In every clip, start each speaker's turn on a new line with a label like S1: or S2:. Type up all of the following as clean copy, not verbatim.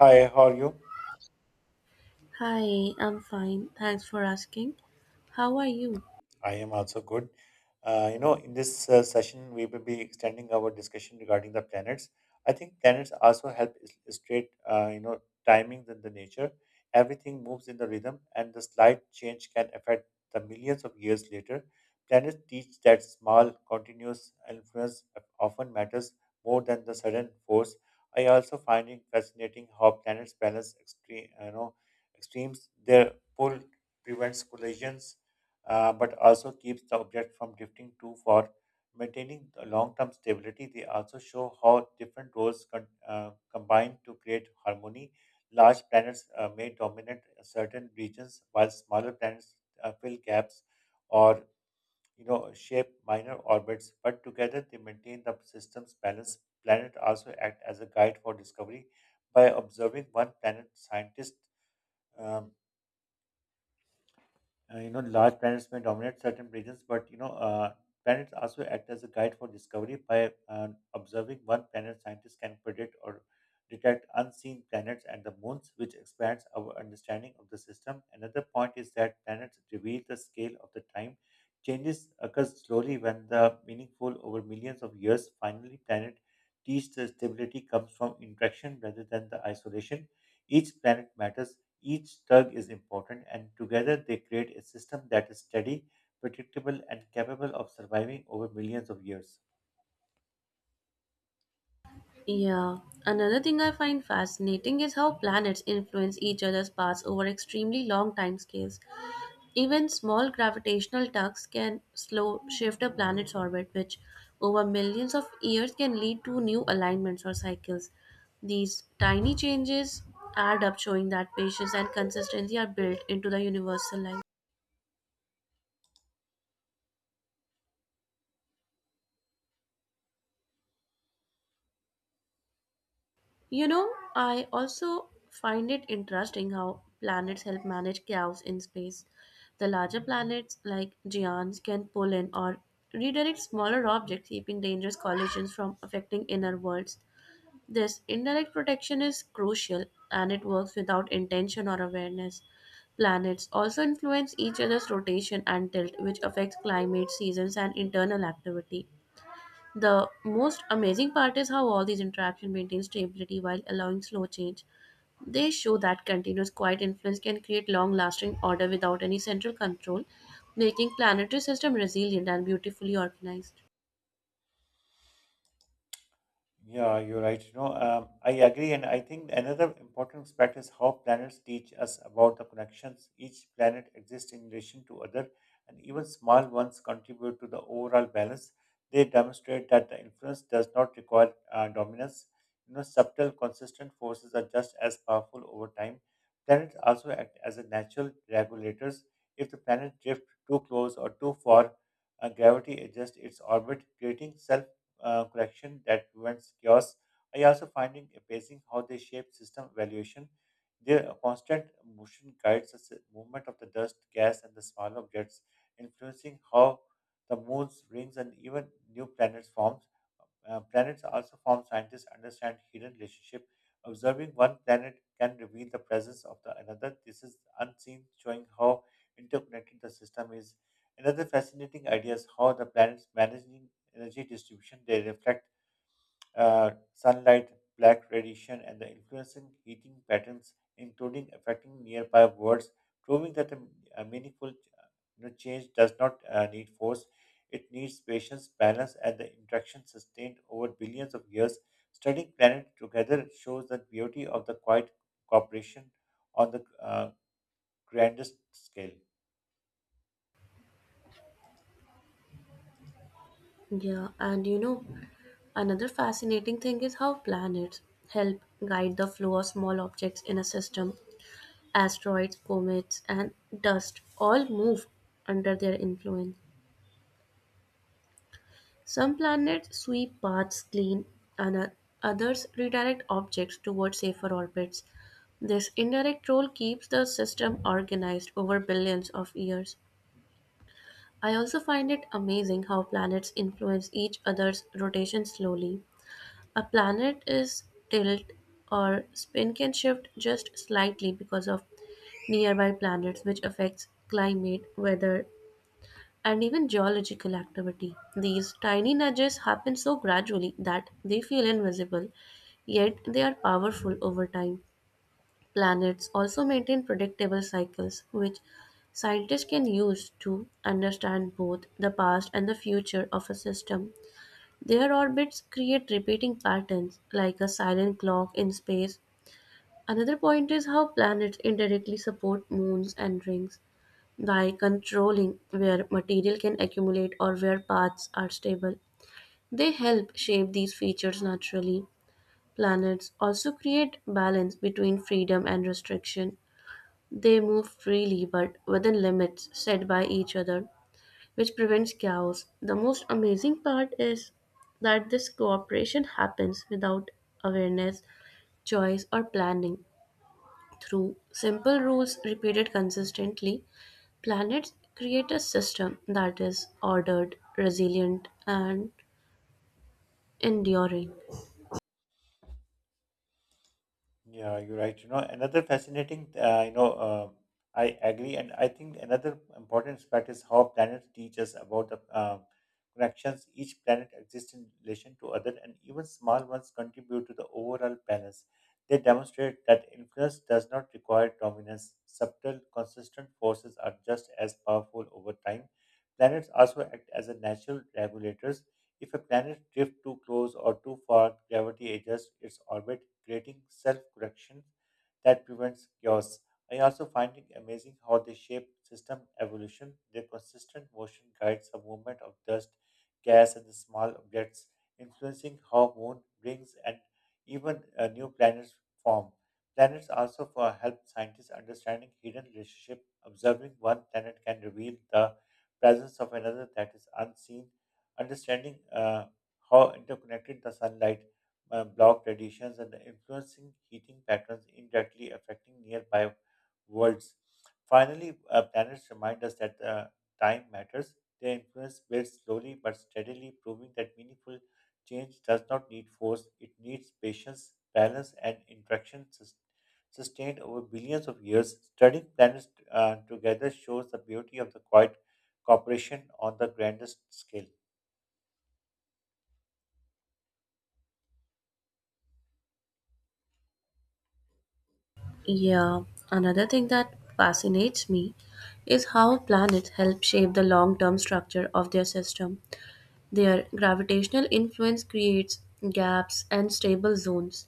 S1: Hi, how are you?
S2: Hi, I'm fine. Thanks for asking. How are you?
S1: I am also good. In this session, we will be extending our discussion regarding the planets. I think planets also help illustrate, timing in the nature. Everything moves in the rhythm, and the slight change can affect the millions of years later. Planets teach that small, continuous influence often matters more than the sudden force. I also find it fascinating how planets balance extreme, extremes. Their pull prevents collisions but also keeps the object from drifting too far. Maintaining the long-term stability, they also show how different roles combine to create harmony. Large planets may dominate certain regions, while smaller planets fill gaps or shape minor orbits. But together, they maintain the system's balance. Planets also act as a guide for discovery. By observing one planet, scientists um, large planets may dominate certain regions, but planets also act as a guide for discovery by observing one planet. Scientists can predict or detect unseen planets and the moons, which expands our understanding of the system. Another point is that planets reveal the scale of the time. Changes occur slowly when the meaningful over millions of years. Finally, planet teach the stability comes from interaction rather than the isolation. Each planet matters, each tug is important, and together they create a system that is steady, predictable, and capable of surviving over millions of years.
S2: Yeah. Another thing I find fascinating is how planets influence each other's paths over extremely long timescales. Even small gravitational tugs can slow shift a planet's orbit, which over millions of years can lead to new alignments or cycles. These tiny changes add up, showing that patience and consistency are built into the universal life. You know, I also find it interesting how planets help manage chaos in space. The larger planets, like Giants, can pull in or redirect smaller objects, keeping dangerous collisions from affecting inner worlds. This indirect protection is crucial, and it works without intention or awareness. Planets also influence each other's rotation and tilt, which affects climate, seasons, and internal activity. The most amazing part is how all these interactions maintain stability while allowing slow change. They show that continuous quiet influence can create long lasting order without any central control, making planetary system resilient and beautifully organized.
S1: Yeah, you're right. I agree, and I think another important aspect is how planets teach us about the connections. Each planet exists in relation to other, and even small ones contribute to the overall balance. They demonstrate that the influence does not require dominance. You know, subtle, consistent forces are just as powerful over time. Planets also act as a natural regulators. If the planet drifts too close or too far, gravity adjusts its orbit, creating self correction that prevents chaos. I also find it amazing how they shape system evaluation. Their constant motion guides the movement of the dust, gas, and the small objects, influencing how the moons, rings, and even new planets form. Planets also form scientists understand hidden relationship. Observing one planet can reveal the presence of the another. This is unseen, showing how interconnected the system is. Another fascinating idea is how the planets managing energy distribution. They reflect sunlight, black radiation, and the influencing heating patterns, including affecting nearby worlds, proving that a meaningful, you know, change does not need force. It needs patience, balance, and the interaction sustained over billions of years. Studying planet together shows the beauty of the quiet cooperation on the grandest scale.
S2: Yeah, and you know, another fascinating thing is how planets help guide the flow of small objects in a system. Asteroids, comets, and dust all move under their influence. Some planets sweep paths clean, and others redirect objects towards safer orbits. This indirect role keeps the system organized over billions of years. I also find it amazing how planets influence each other's rotation slowly. A planet is tilt or spin can shift just slightly because of nearby planets, which affects climate, weather, and even geological activity. These tiny nudges happen so gradually that they feel invisible, yet they are powerful over time. Planets also maintain predictable cycles, which scientists can use to understand both the past and the future of a system. Their orbits create repeating patterns, like a silent clock in space. Another point is how planets indirectly support moons and rings by controlling where material can accumulate or where paths are stable. They help shape these features naturally. Planets also create balance between freedom and restriction. They move freely but within limits set by each other, which prevents chaos. The most amazing part is that this cooperation happens without awareness, choice, or planning. Through simple rules repeated consistently, planets create a system that is ordered, resilient, and enduring.
S1: Yeah, you're right. You know, another fascinating, you know, I agree, and I think another important aspect is how planets teach us about the connections. Each planet exists in relation to other, and even small ones contribute to the overall balance. They demonstrate that influence does not require dominance. Subtle, consistent forces are just as powerful over time. Planets also act as a natural regulators. If a planet drifts too close or too far, gravity adjusts its orbit, creating self correction that prevents chaos. I also find it amazing how they shape system evolution. Their consistent motion guides the movement of dust, gas, and the small objects, influencing how moon rings and even new planets form. Planets also for help scientists understanding hidden relationship. Observing one planet can reveal the presence of another that is unseen, understanding how interconnected the sunlight, block radiations and influencing heating patterns indirectly affecting nearby worlds. Finally, planets remind us that time matters. Their influence builds slowly but steadily, proving that meaningful change does not need force. It needs patience, balance, and interaction sustained over billions of years. Studying planets together shows the beauty of the quiet cooperation on the grandest scale.
S2: Yeah, another thing that fascinates me is how planets help shape the long term structure of their system. Their gravitational influence creates gaps and stable zones,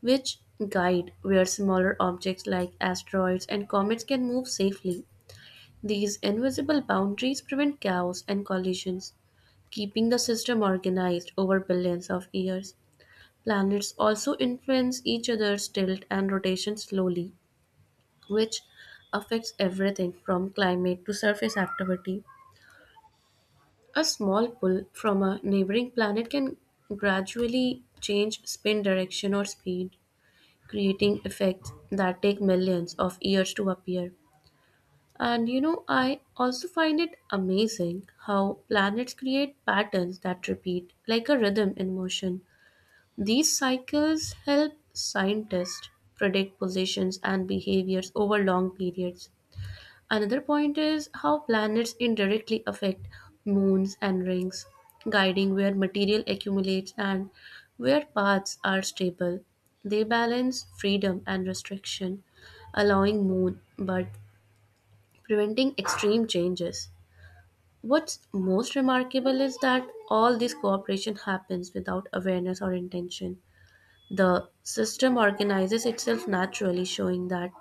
S2: which guide where smaller objects like asteroids and comets can move safely. These invisible boundaries prevent chaos and collisions, keeping the system organized over billions of years. Planets also influence each other's tilt and rotation slowly, which affects everything from climate to surface activity. A small pull from a neighboring planet can gradually change spin direction or speed, creating effects that take millions of years to appear. And you know, I also find it amazing how planets create patterns that repeat, like a rhythm in motion. These cycles help scientists predict positions and behaviors over long periods. Another point is how planets indirectly affect moons and rings, guiding where material accumulates and where paths are stable. They balance freedom and restriction, allowing moon but preventing extreme changes. What's most remarkable is that all this cooperation happens without awareness or intention. The system organizes itself naturally, showing that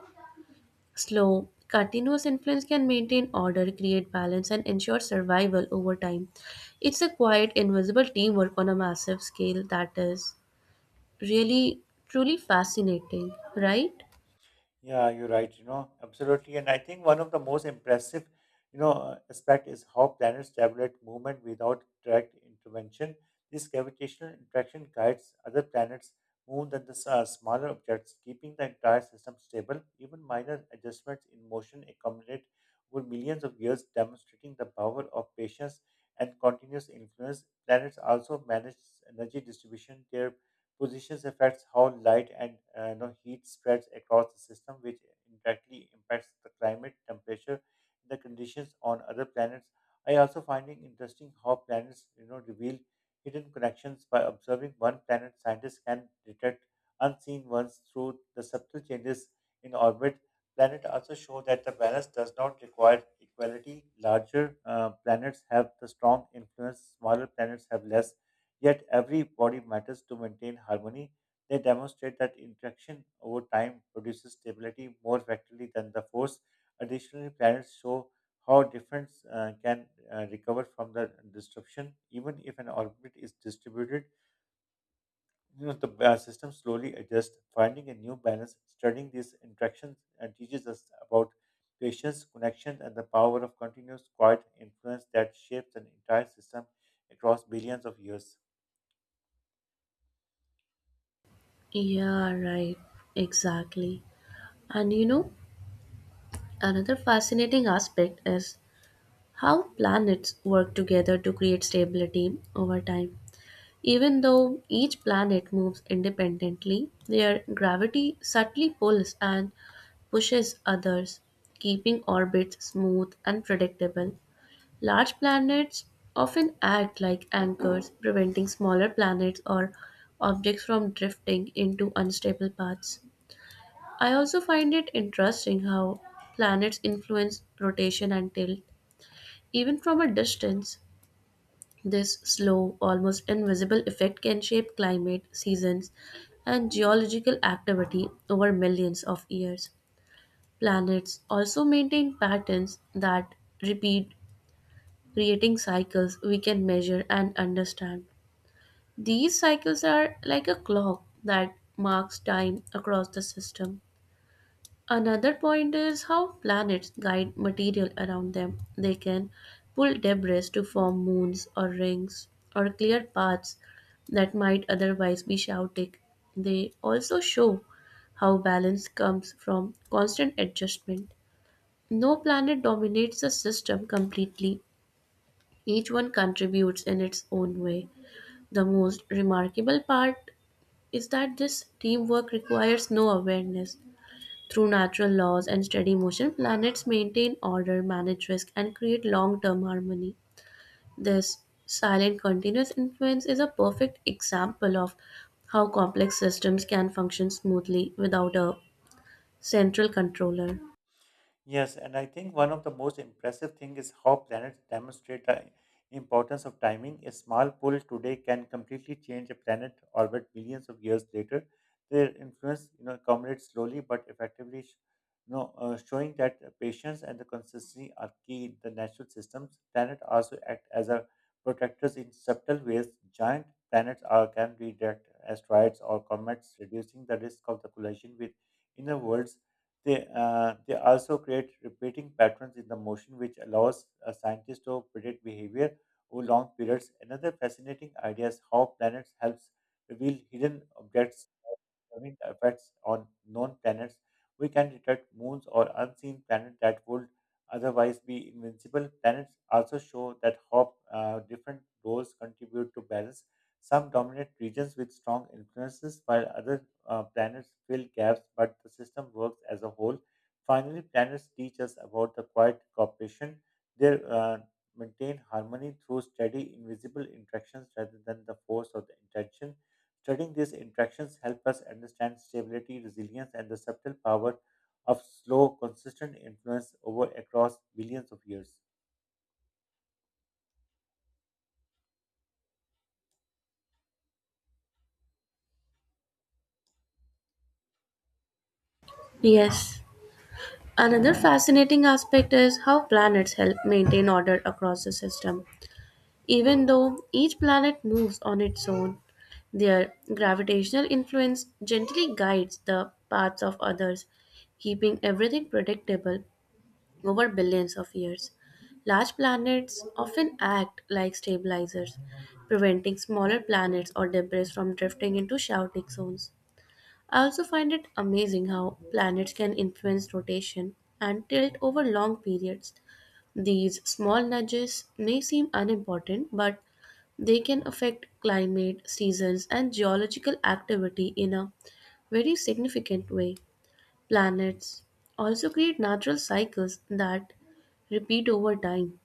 S2: slow, continuous influence can maintain order, create balance, and ensure survival over time. It's a quiet, invisible teamwork on a massive scale that is really, truly fascinating, right?
S1: Yeah, you're right. You know, absolutely. And I think one of the most impressive, aspect is how planets regulate movement without direct intervention. This gravitational interaction guides other planets more than the smaller objects, keeping the entire system stable. Even minor adjustments in motion accumulate over millions of years, demonstrating the power of patience and continuous influence. Planets also manage energy distribution. Their positions affects how light and, heat spreads across the system, which indirectly impacts the climate, temperature, and the conditions on other planets. I also finding interesting how planets, reveal hidden connections by observing one planet. Scientists can detect unseen ones through the subtle changes in orbit. Planet also show that the balance does not require equality. Larger planets have the strong influence. Smaller planets have less, yet every body matters to maintain harmony. They demonstrate that interaction over time produces stability more effectively than the force. Additionally, planets show how different can recover from the disruption, even if an orbit is distributed. The system slowly adjusts, finding a new balance. Studying these interactions teaches us about patience, connection, and the power of continuous quiet influence that shapes an entire system across billions of years.
S2: Yeah, right. Exactly. And you know, another fascinating aspect is how planets work together to create stability over time. Even though each planet moves independently, their gravity subtly pulls and pushes others, keeping orbits smooth and predictable. Large planets often act like anchors, preventing smaller planets or objects from drifting into unstable paths. I also find it interesting how planets influence rotation and tilt, even from a distance. This slow, almost invisible effect can shape climate, seasons, and geological activity over millions of years. Planets also maintain patterns that repeat, creating cycles we can measure and understand. These cycles are like a clock that marks time across the system. Another point is how planets guide material around them. They can pull debris to form moons or rings or clear paths that might otherwise be chaotic. They also show how balance comes from constant adjustment. No planet dominates the system completely, each one contributes in its own way. The most remarkable part is that this teamwork requires no awareness. Through natural laws and steady motion, planets maintain order, manage risk, and create long term harmony. This silent continuous influence is a perfect example of how complex systems can function smoothly without a central controller.
S1: Yes, and I think one of the most impressive thing is how planets demonstrate the importance of timing. A small pull today can completely change a planet orbit billions of years later. Their influence, accumulates slowly but effectively, showing that patience and the consistency are key in the natural systems. Planets also act as a protectors in subtle ways. Giant planets are can redirect asteroids or comets, reducing the risk of the collision with inner worlds. They, they also create repeating patterns in the motion, which allows a scientist to predict behavior over long periods. Another fascinating idea is how planets helps reveal hidden objects. Observing the effects on known planets, we can detect moons or unseen planets that would otherwise be invincible. Planets also show that how different roles contribute to balance. Some dominate regions with strong influences, while other planets fill gaps, but the system works as a whole. Finally, planets teach us about the quiet cooperation. They maintain harmony through steady, invisible interactions rather than the force of the intention. Studying these interactions help us understand stability, resilience, and the subtle power of slow, consistent influence over across billions of years.
S2: Yes, another fascinating aspect is how planets help maintain order across the system. Even though each planet moves on its own, their gravitational influence gently guides the paths of others, keeping everything predictable over billions of years. Large planets often act like stabilizers, preventing smaller planets or debris from drifting into chaotic zones. I also find it amazing how planets can influence rotation and tilt over long periods. These small nudges may seem unimportant, but they can affect climate, seasons, and geological activity in a very significant way. Planets also create natural cycles that repeat over time,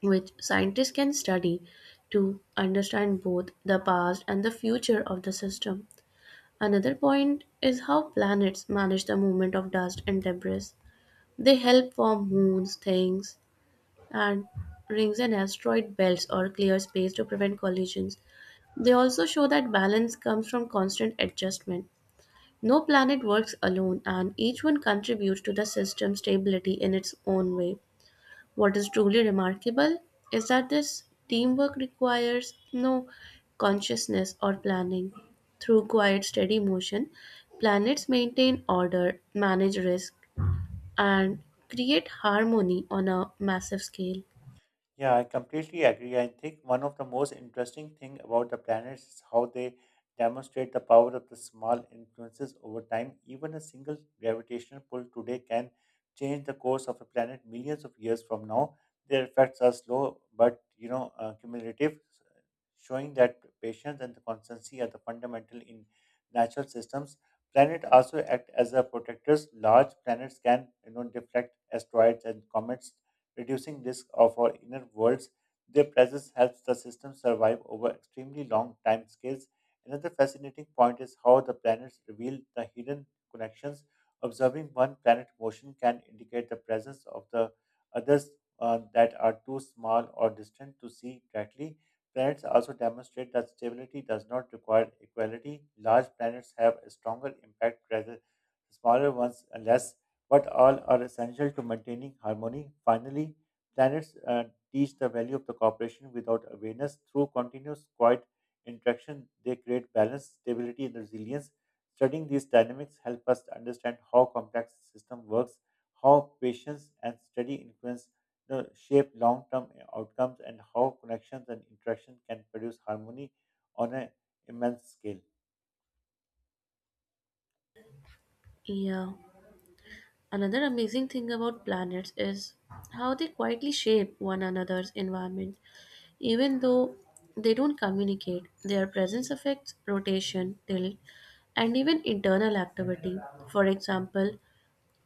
S2: which scientists can study to understand both the past and the future of the system. Another point is how planets manage the movement of dust and debris. They help form moons, things, and rings and asteroid belts or clear space to prevent collisions. They also show that balance comes from constant adjustment. No planet works alone, and each one contributes to the system's stability in its own way. What is truly remarkable is that this teamwork requires no consciousness or planning. Through quiet, steady motion, planets maintain order, manage risk, and create harmony on a massive scale.
S1: Yeah, I completely agree. I think one of the most interesting thing about the planets is how they demonstrate the power of the small influences over time. Even a single gravitational pull today can change the course of a planet millions of years from now. Their effects are slow, but cumulative, showing that patience and the constancy are the fundamental in natural systems. Planets also act as a protectors. Large planets can, deflect asteroids and comets, reducing risk of our inner worlds. Their presence helps the system survive over extremely long time scales. Another fascinating point is how the planets reveal the hidden connections. Observing one planet motion can indicate the presence of the others that are too small or distant to see directly. Planets also demonstrate that stability does not require equality. Large planets have a stronger impact rather smaller ones unless, but all are essential to maintaining harmony. Finally, planets teach the value of the cooperation without awareness. Through continuous quiet interaction, they create balance, stability, and resilience. Studying these dynamics help us to understand how complex system works, how patience and steady influence, shape long-term outcomes, and how connections and interaction can produce harmony on an immense scale.
S2: Yeah. Another amazing thing about planets is how they quietly shape one another's environment. Even though they don't communicate, their presence affects rotation, tilt, and even internal activity. For example,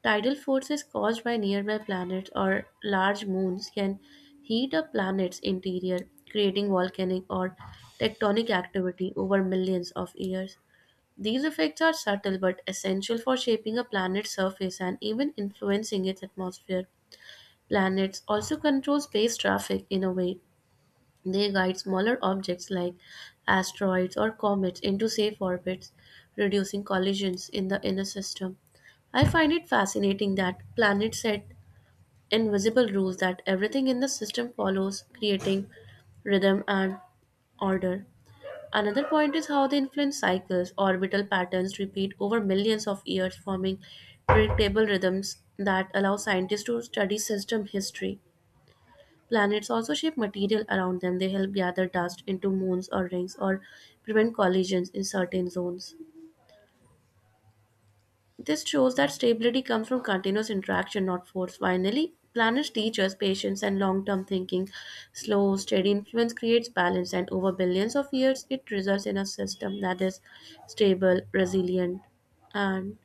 S2: tidal forces caused by nearby planets or large moons can heat a planet's interior, creating volcanic or tectonic activity over millions of years. These effects are subtle but essential for shaping a planet's surface and even influencing its atmosphere. Planets also control space traffic in a way. They guide smaller objects like asteroids or comets into safe orbits, reducing collisions in the inner system. I find it fascinating that planets set invisible rules that everything in the system follows, creating rhythm and order. Another point is how they influence cycles. Orbital patterns repeat over millions of years, forming predictable rhythms that allow scientists to study system history. Planets also shape material around them. They help gather dust into moons or rings or prevent collisions in certain zones. This shows that stability comes from continuous interaction, not force. Finally, planners teach us patience and long term thinking. Slow, steady influence creates balance, and over billions of years, it results in a system that is stable, resilient, and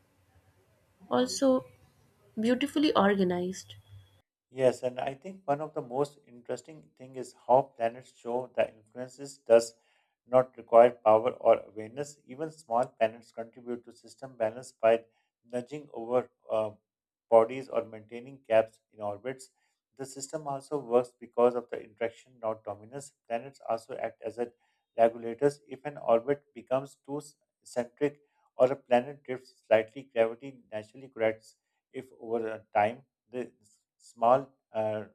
S2: also beautifully organized.
S1: Yes, and I think one of the most interesting thing is how planets show that influences does not require power or awareness. Even small planets contribute to system balance by nudging over bodies or maintaining gaps in orbits. The system also works because of the interaction, not dominance. Planets also act as a regulators. If an orbit becomes too centric or a planet drifts slightly, gravity naturally corrects if over time the small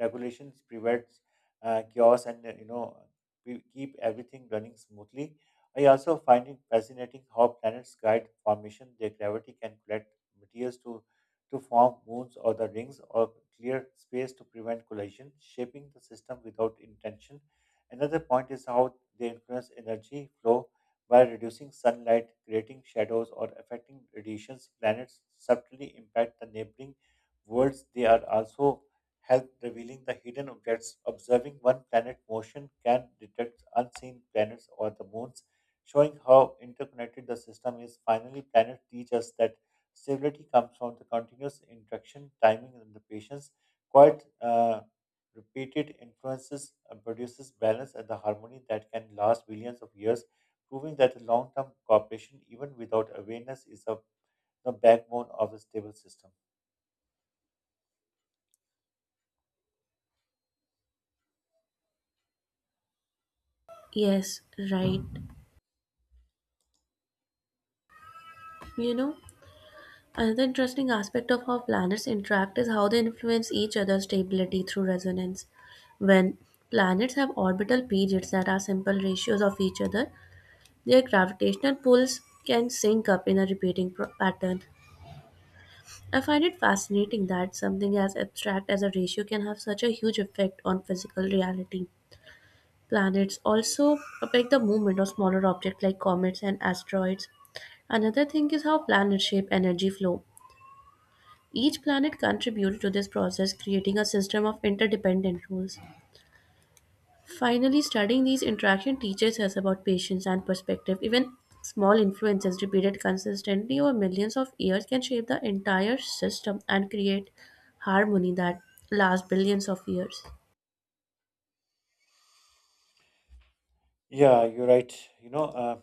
S1: regulations prevents chaos, and, we keep everything running smoothly. I also find it fascinating how planets guide formation. Their gravity can collect materials to form moons or the rings or clear space to prevent collision, shaping the system without intention. Another point is how they influence energy flow by reducing sunlight, creating shadows, or affecting radiations. Planets subtly impact the neighboring worlds. They are also help revealing the hidden objects. Observing one planet's motion can detect unseen planets or the moons, showing how interconnected the system is. Finally, planets teach us that stability comes from the continuous interaction, timing, and the patience. Quite repeated influences produces balance and the harmony that can last billions of years, proving that long-term cooperation, even without awareness, is a the backbone of a stable system.
S2: Yes, right. You know, another interesting aspect of how planets interact is how they influence each other's stability through resonance. When planets have orbital periods that are simple ratios of each other, their gravitational pulls can sync up in a repeating pattern. I find it fascinating that something as abstract as a ratio can have such a huge effect on physical reality. Planets also affect the movement of smaller objects like comets and asteroids. Another thing is how planets shape energy flow. Each planet contributes to this process, creating a system of interdependent rules. Finally, studying these interactions teaches us about patience and perspective. Even small influences repeated consistently over millions of years can shape the entire system and create harmony that lasts billions of years.
S1: Yeah, you're right. You know, uh,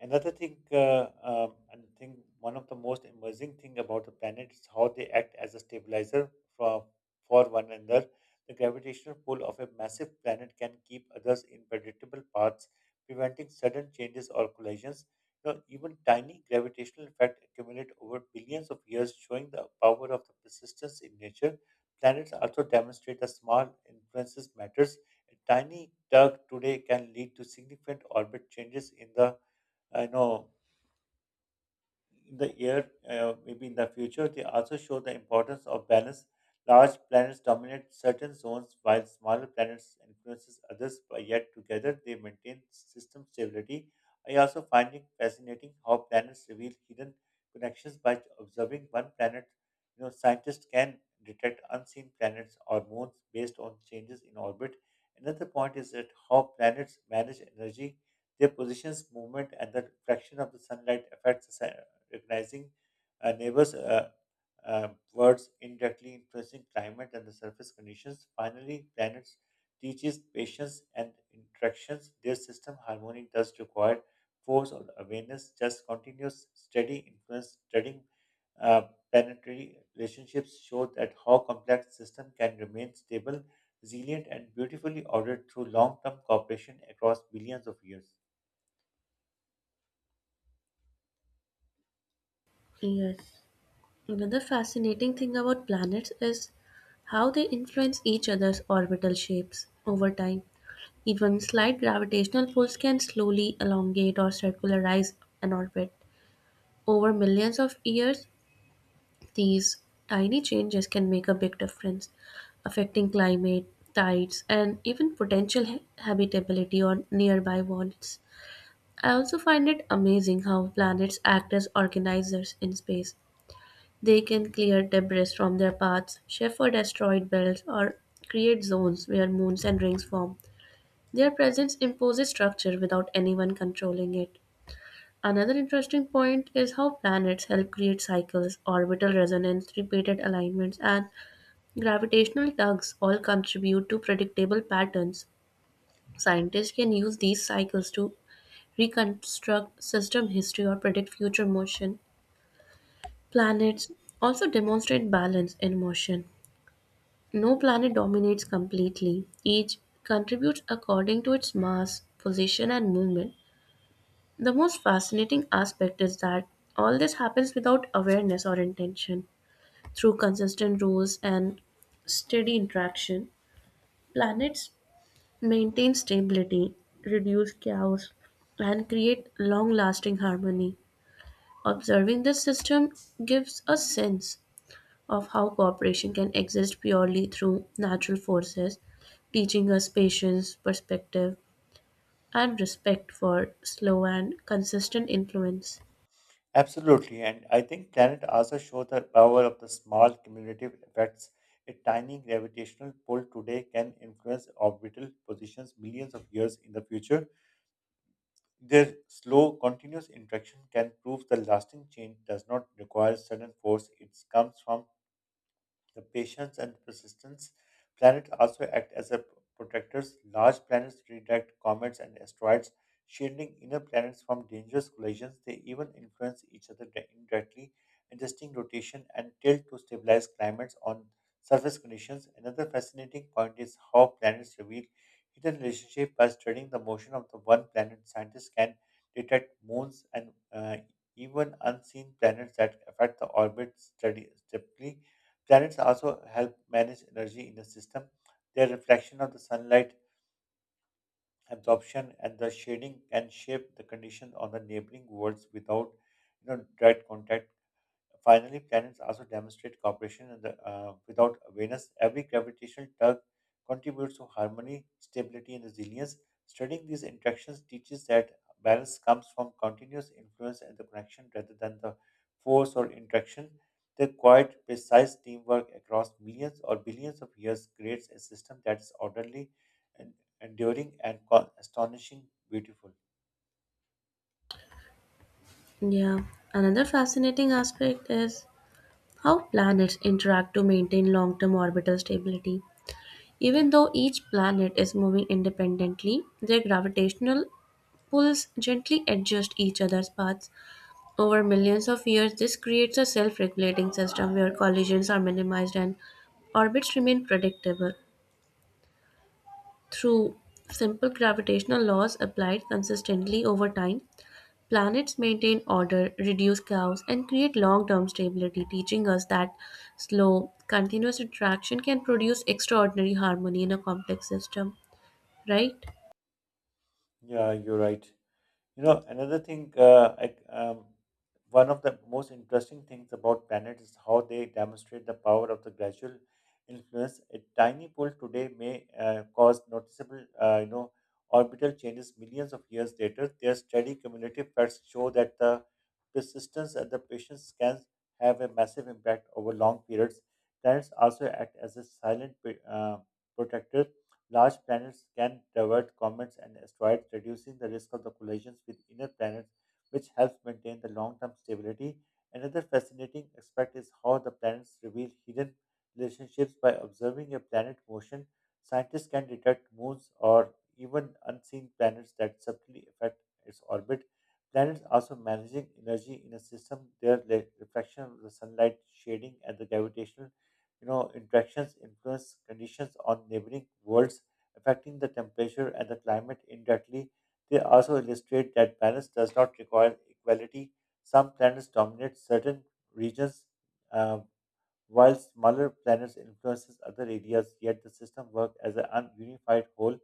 S1: another thing, and think one of the most amazing thing about the planet is how they act as a stabilizer for for one another. The gravitational pull of a massive planet can keep others in predictable paths, preventing sudden changes or collisions. You know, even tiny gravitational effects accumulate over billions of years, showing the power of the persistence in nature. Planets also demonstrate that small influences matters, a tiny tug today can lead to significant orbit changes in the, I know in the year, maybe in the future. They also show the importance of balance. Large planets dominate certain zones while smaller planets influences others, but yet together they maintain system stability. I also find it fascinating how planets reveal hidden connections by observing one planet. You know, scientists can detect unseen planets or moons based on changes in orbit. Another point is that how planets manage energy, their positions, movement, and the reflection of the sunlight affects the recognizing a neighbor's words, indirectly influencing climate and the surface conditions. Finally, planets teaches patience and interactions. Their system harmony does require force or awareness, just continuous steady influence. Studying uh, planetary relationships show that how complex system can remain stable, resilient, and beautifully ordered through long-term cooperation across billions of years.
S2: Yes. Another fascinating thing about planets is how they influence each other's orbital shapes over time. Even slight gravitational pulls can slowly elongate or circularize an orbit. Over millions of years, these tiny changes can make a big difference, affecting climate, tides, and even potential habitability on nearby worlds. I also find it amazing how planets act as organizers in space. They can clear debris from their paths, shift or asteroid belts, or create zones where moons and rings form. Their presence imposes structure without anyone controlling it. Another interesting point is how planets help create cycles, orbital resonance, repeated alignments, and gravitational tugs all contribute to predictable patterns. Scientists can use these cycles to reconstruct system history or predict future motion. Planets also demonstrate balance in motion. No planet dominates completely, each contributes according to its mass, position, and movement. The most fascinating aspect is that all this happens without awareness or intention. Through consistent rules and steady interaction, planets maintain stability, reduce chaos, and create long lasting harmony. Observing this system gives a sense of how cooperation can exist purely through natural forces, teaching us patience, perspective, and respect for slow and consistent influence.
S1: Absolutely, and I think planet also show the power of the small cumulative effects. A tiny gravitational pull today can influence orbital positions millions of years in the future. Their slow, continuous interaction can prove the lasting change does not require sudden force. It comes from the patience and persistence. Planets also act as a protectors. Large planets redirect comets and asteroids, shielding inner planets from dangerous collisions. They even influence each other indirectly, adjusting rotation and tilt to stabilize climates on surface conditions. Another fascinating point is how planets reveal hidden relationship by studying the motion of the one planet. Scientists can detect moons and even unseen planets that affect the orbit study deeply. Planets also help manage energy in the system. Their reflection of the sunlight, absorption, and the shading can shape the conditions on the neighboring worlds without, you know, direct contact. Finally, planets also demonstrate cooperation and the, without awareness. Every gravitational tug contributes to harmony, stability, and resilience. Studying these interactions teaches that balance comes from continuous influence and the connection rather than the force or interaction. The quiet, precise teamwork across millions or billions of years creates a system that's orderly, and enduring, and astonishing beautiful.
S2: Yeah, another fascinating aspect is how planets interact to maintain long term orbital stability. Even though each planet is moving independently, their gravitational pools gently adjust each other's paths. Over millions of years, this creates a self regulating system where collisions are minimized and orbits remain predictable. Through simple gravitational laws applied consistently over time, planets maintain order, reduce chaos, and create long term stability, teaching us that slow, continuous interaction can produce extraordinary harmony in a complex system. Right?
S1: Yeah, you're right. Another thing, one of the most interesting things about planets is how they demonstrate the power of the gradual influence. A tiny pull today may cause noticeable, orbital changes millions of years later. Their steady cumulative effects show that the persistence and the patience can have a massive impact over long periods. Planets also act as a silent uh, protector. Large planets can divert comets and asteroids, reducing the risk of the collisions with inner planets, which helps maintain the long-term stability. Another fascinating aspect is how the planets reveal hidden relationships by observing a planet motion. Scientists can detect moons or even unseen planets that subtly affect its orbit. Planets also managing energy in a system, their reflection of the sunlight shading and the gravitational, you know, interactions influence conditions on neighboring worlds, affecting the temperature and the climate indirectly. They also illustrate that balance does not require equality. Some planets dominate certain regions, uh, while smaller planets influences other areas, yet the system works as a unified whole.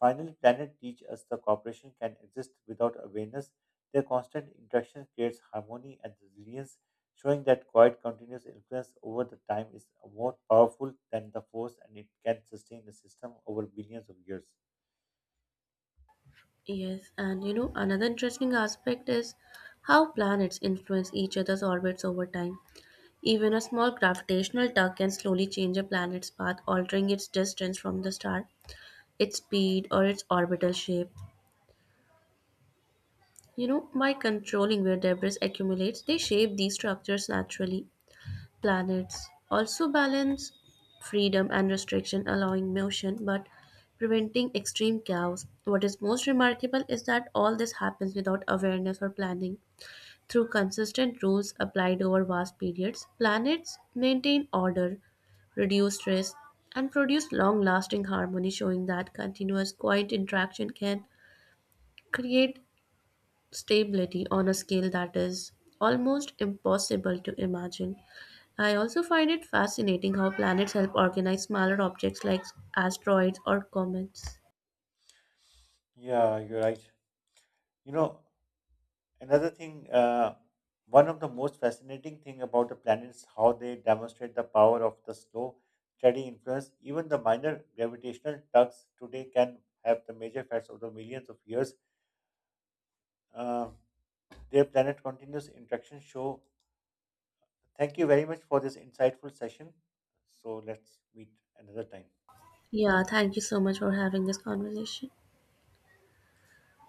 S1: Finally, planet teach us the cooperation can exist without awareness. Their constant interaction creates harmony and resilience, showing that quiet continuous influence over the time is more powerful than the force and it can sustain the system over billions of years.
S2: Yes, and you know, another interesting aspect is how planets influence each other's orbits over time. Even a small gravitational tug can slowly change a planet's path, altering its distance from the star, its speed, or its orbital shape. You know, by controlling where debris accumulates, they shape these structures naturally. Planets also balance freedom and restriction, allowing motion but preventing extreme chaos. What is most remarkable is that all this happens without awareness or planning. Through consistent rules applied over vast periods, planets maintain order, reduce stress, and produce long lasting harmony, showing that continuous quiet interaction can create stability on a scale that is almost impossible to imagine. I also find it fascinating how planets help organize smaller objects like asteroids or comets.
S1: Yeah, you're right. You know, another thing, one of the most fascinating thing about the planets, how they demonstrate the power of the slow, steady influence. Even the minor gravitational tugs today can have the major effects over the millions of years. Uh, their planet continuous interaction show. Thank you very much for this insightful session. So let's meet another time.
S2: Yeah, thank you so much for having this conversation.